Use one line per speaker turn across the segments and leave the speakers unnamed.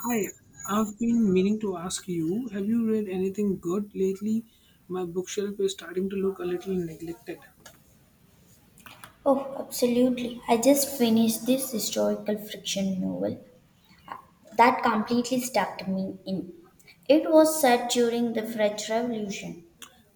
Hi, I've been meaning to ask you, have you read anything good lately? My bookshelf is starting to look a little neglected.
Oh, absolutely. I just finished this historical fiction novel that completely stuck me in. It was set during the French Revolution.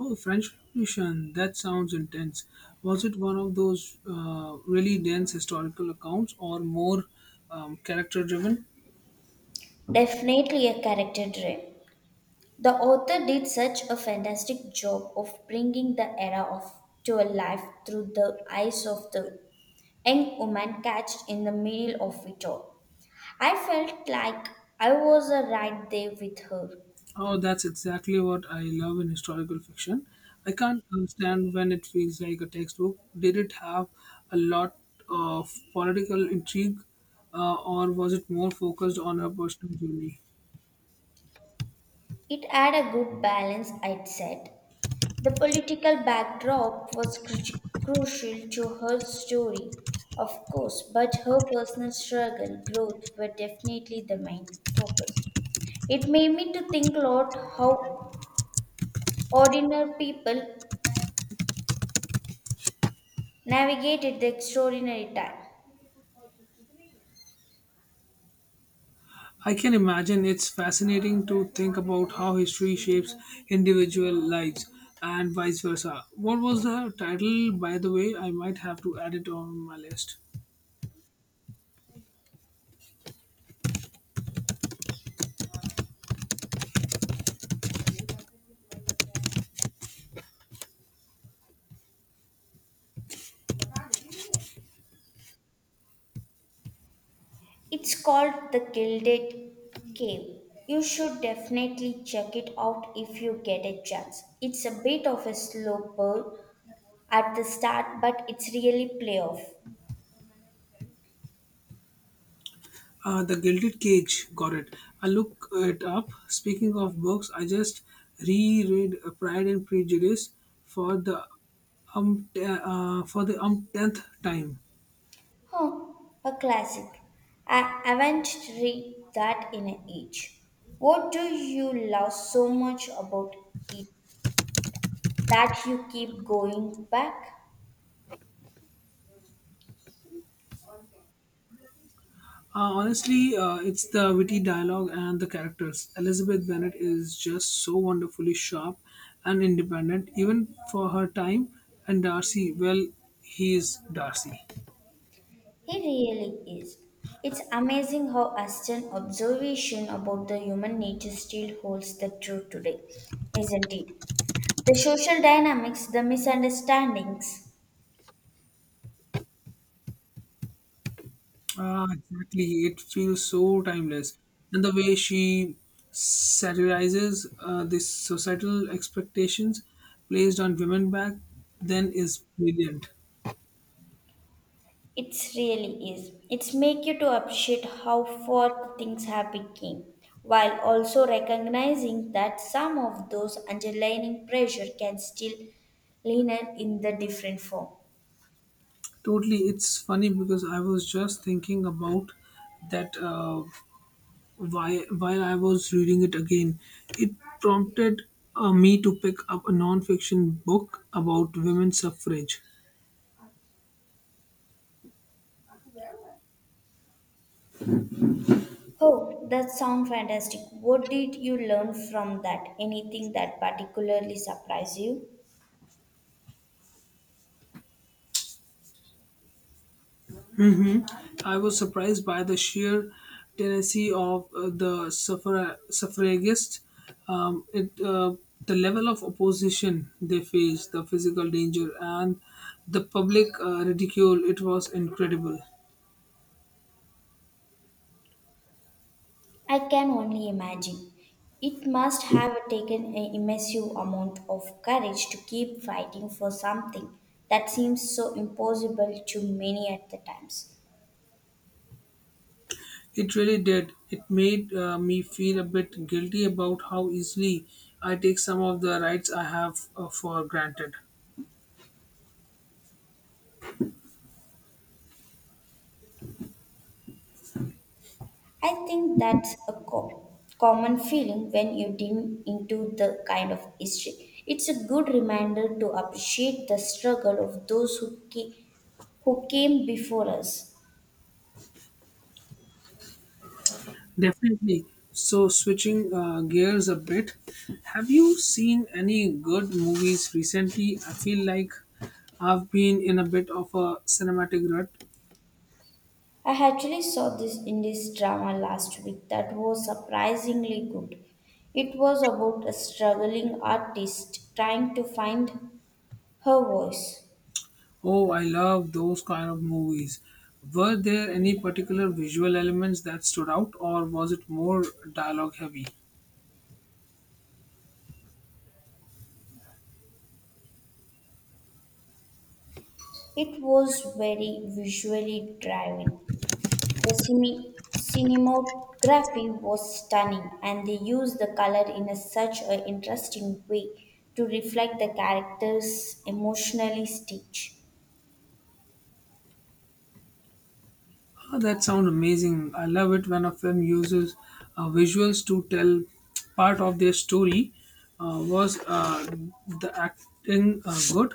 Oh, French Revolution, that sounds intense. Was it one of those really dense historical accounts or more character driven?
Definitely a character dream. The author did such a fantastic job of bringing the era of to a life through the eyes of the young woman catched in the middle of it all. I felt like I was right there with her.
Oh, that's exactly what I love in historical fiction. I can't understand when it feels like a textbook. Did it have a lot of political intrigue, or was it more focused on a personal journey?
It had a good balance, I'd said. The political backdrop was crucial to her story, of course, but her personal struggle, growth were definitely the main focus. It made me to think a lot how ordinary people navigated the extraordinary time.
I can imagine it's fascinating to think about how history shapes individual lives and vice versa. What was the title, by the way? I might have to add it on my list.
It's called the Gilded Cave. You should definitely check it out if you get a chance. It's a bit of a slow burn at the start, but it's really playoff.
The Gilded Cage, got it. I look it up. Speaking of books, I just reread Pride and Prejudice for the for the umpteenth time.
Huh, a classic. I haven't read that in an age. What do you love so much about it that you keep going back?
Honestly, it's the witty dialogue and the characters. Elizabeth Bennet is just so wonderfully sharp and independent, even for her time. And Darcy, well, he is Darcy.
He really is. It's amazing how Aston's observation about the human nature still holds the truth today, isn't it? The social dynamics, the misunderstandings.
Ah, exactly. It feels so timeless. And the way she satirizes these societal expectations placed on women back then is brilliant.
It's really is. It's make you to appreciate how far things have become, while also recognizing that some of those underlying pressure can still linger in the different form.
Totally. It's funny because I was just thinking about that while I was reading it again. It prompted me to pick up a non fiction book about women's suffrage.
Oh, that sounds fantastic. What did you learn from that? Anything that particularly surprised you?
hmm I was surprised by the sheer tenacity of the suffragists. Um, it, uh, the level of opposition they faced, the physical danger, and the public ridicule, it was incredible.
I can only imagine. It must have taken an immense amount of courage to keep fighting for something that seems so impossible to many at the times.
It really did. It made me feel a bit guilty about how easily I take some of the rights I have for granted.
I think that's a common feeling when you dig into the kind of history. It's a good reminder to appreciate the struggle of those who came before us.
Definitely. So, switching gears a bit, have you seen any good movies recently? I feel like I've been in a bit of a cinematic rut.
I actually saw this Indies drama last week that was surprisingly good. It was about a struggling artist trying to find her voice.
Oh, I love those kind of movies. Were there any particular visual elements that stood out, or was it more dialogue heavy?
It was very visually driving. The cinematography was stunning and they used the color in a, such an interesting way to reflect the character's emotionally stage.
Oh, that sounds amazing. I love it when a film uses visuals to tell part of their story. Was the acting good?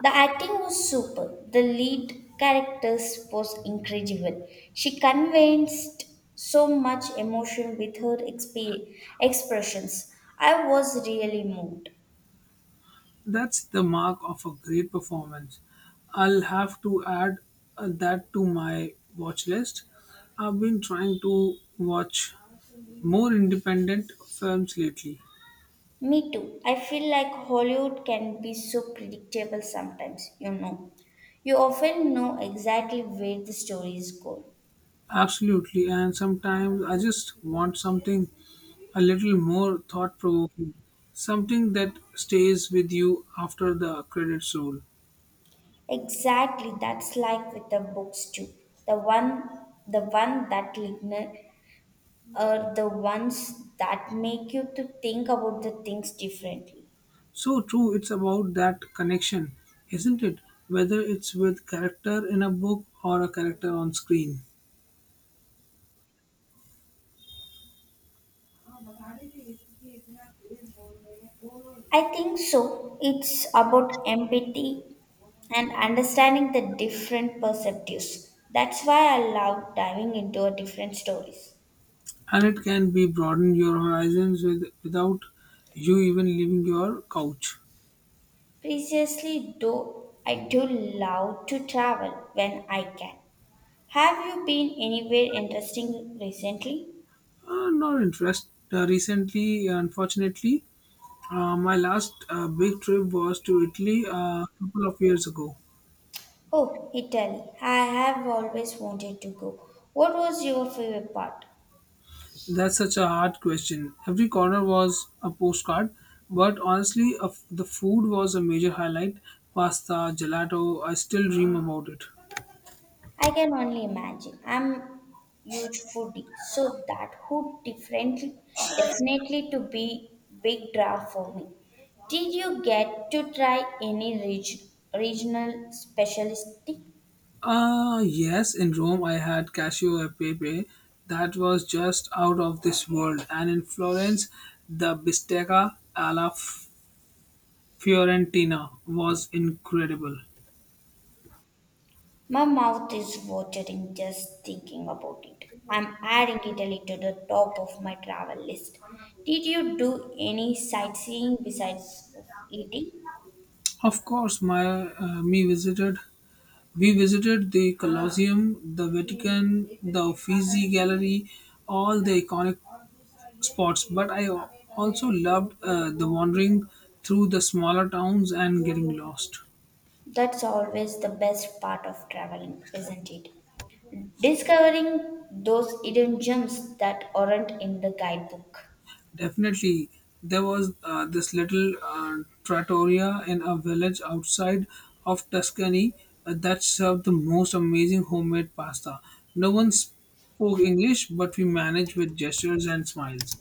The acting was superb. The lead characters was incredible. She convinced so much emotion with her expressions. I was really moved.
That's the mark of a great performance. I'll have to add that to my watch list. I've been trying to watch more independent films lately.
Me too. I feel like Hollywood can be so predictable sometimes, you know. You often know exactly where the story is going.
Absolutely, and sometimes I just want something a little more thought provoking, something that stays with you after the credits roll.
Exactly, that's like with the books too. The one the one that Ligner are the ones that make you to think about the things differently.
So true, it's about that connection, isn't it? Whether it's with character in a book or a character on screen.
I think so. It's about empathy and understanding the different perspectives. That's why I love diving into a different stories.
And it can be broaden your horizons with, without you even leaving your couch.
Previously though, I do love to travel when I can. Have you been anywhere interesting recently?
Not interest. Recently, unfortunately, my last big trip was to Italy a couple of years ago.
Oh, Italy. I have always wanted to go. What was your favorite part?
That's such a hard question. Every corner was a postcard, but honestly, the food was a major highlight. Pasta, gelato, I still dream about it.
I can only imagine. I'm huge foodie, so that would definitely to be big draw for me. Did you get to try any regional specialty?
Ah, yes, in Rome I had Cassio e Pepe. That was just out of this world. And in Florence, the bistecca alla Fiorentina was incredible.
My mouth is watering just thinking about it. I'm adding Italy to the top of my travel list. Did you do any sightseeing besides of eating?
Of course, my me visited. We visited the Colosseum, the Vatican, the Uffizi Gallery, all the iconic spots. But I also loved the wandering through the smaller towns and getting lost.
That's always the best part of traveling, isn't it? Discovering those hidden gems that aren't in the guidebook.
Definitely, there was this little trattoria in a village outside of Tuscany that served the most amazing homemade pasta. No one spoke English, but we managed with gestures and smiles.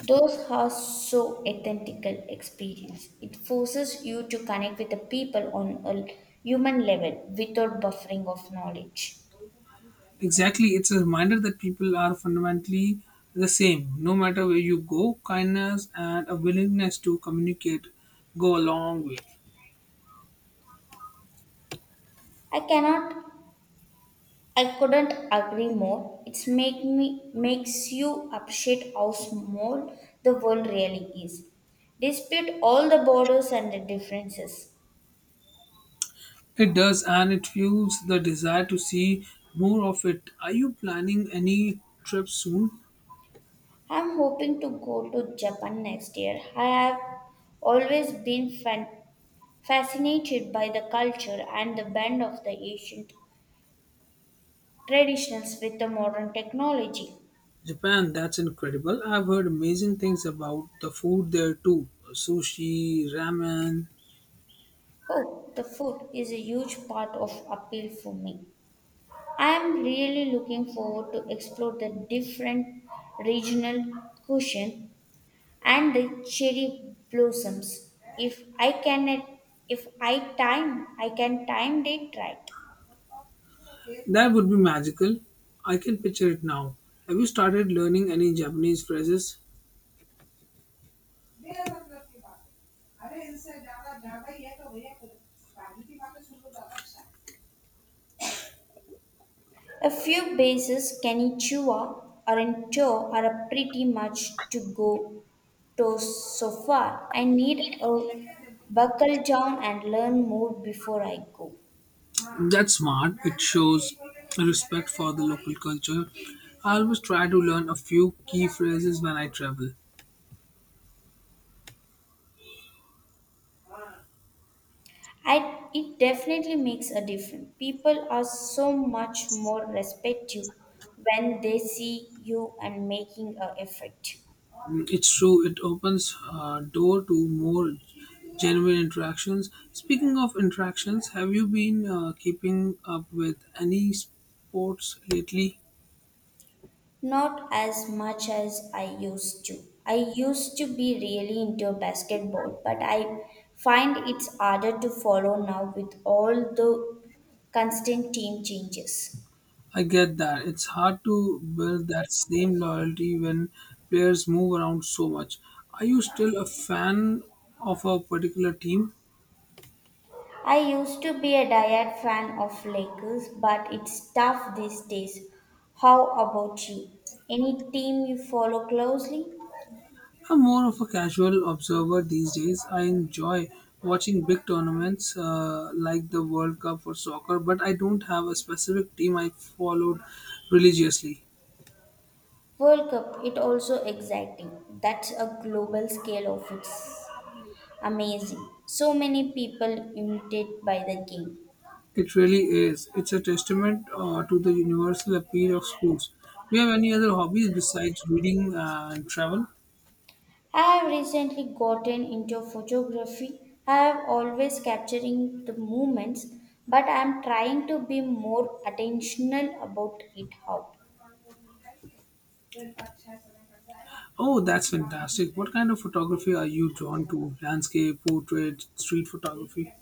Those are so authentic. Experience. It forces you to connect with the people on a human level without buffering of knowledge.
Exactly, it's a reminder that people are fundamentally the same. No matter where you go, kindness and a willingness to communicate go a long way.
I cannot I couldn't agree more. It's make me makes you appreciate how small the world really is. Dispute all the borders and the differences.
It does, and it fuels the desire to see more of it. Are you planning any trips soon?
I'm hoping to go to Japan next year. I have always been fascinated by the culture and the blend of the ancient traditions with the modern technology.
Japan, that's incredible. I've heard amazing things about the food there too sushi, ramen.
Oh, the food is a huge part of appeal for me. I am really looking forward to explore the different regional cuisine and the cherry blossoms. If I time, I can time it right.
That would be magical. I can picture it now. Have you started learning any Japanese phrases?
A few bases, Kanichua or Ento, are a pretty much to go to so far. I need a buckle down and learn more before I go.
That's smart. It shows respect for the local culture. I always try to learn a few key phrases when I travel.
I, it definitely makes a difference. People are so much more respectful when they see you and making an effort.
It's true, it opens a door to more genuine interactions. Speaking of interactions, have you been keeping up with any sports lately?
Not as much as I used to. I used to be really into basketball, but I find it's harder to follow now with all the constant team changes.
I get that. It's hard to build that same loyalty when players move around so much. Are you still a fan of a particular team?
I used to be a diehard fan of Lakers, but it's tough these days. How about you? Any team you follow closely?
I'm more of a casual observer these days. I enjoy watching big tournaments like the World Cup for soccer, but I don't have a specific team I followed religiously.
World Cup, it also exciting. That's a global scale of its amazing. So many people imitated by the game.
It really is. It's a testament to the universal appeal of sports. Do you have any other hobbies besides reading and travel?
I have recently gotten into photography. I have always capturing the moments, but I am trying to be more attentional about it how.
Oh, that's fantastic. What kind of photography are you drawn to? Landscape, portrait, street photography?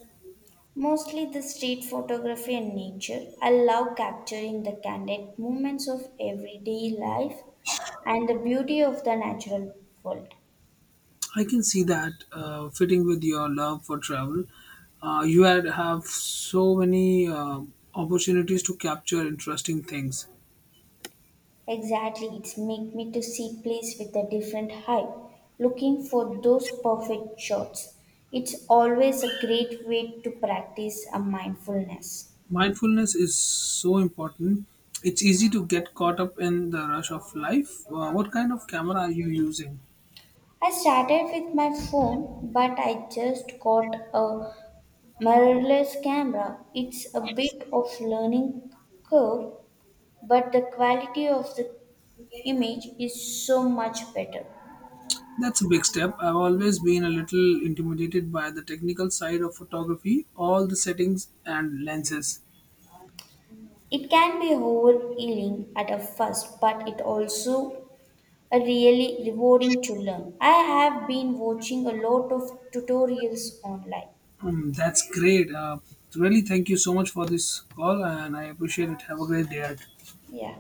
Mostly the street photography and nature. I love capturing the candid moments of everyday life and the beauty of the natural world.
I can see that fitting with your love for travel. You had have so many opportunities to capture interesting things.
Exactly, it's make me to see plays with a different high, looking for those perfect shots. It's always a great way to practice a mindfulness.
Mindfulness is so important. It's easy to get caught up in the rush of life. What kind of camera are you using?
I started with my phone, but I just got a mirrorless camera. It's a bit of learning curve, but the quality of the image is so much better.
That's a big step. I've always been a little intimidated by the technical side of photography, all the settings and lenses.
It can be overwhelming at a first, but it also a really rewarding to learn. I have been watching a lot of tutorials online.
That's great. Really, thank you so much for this call, and I appreciate it. Have a great day.
Yeah.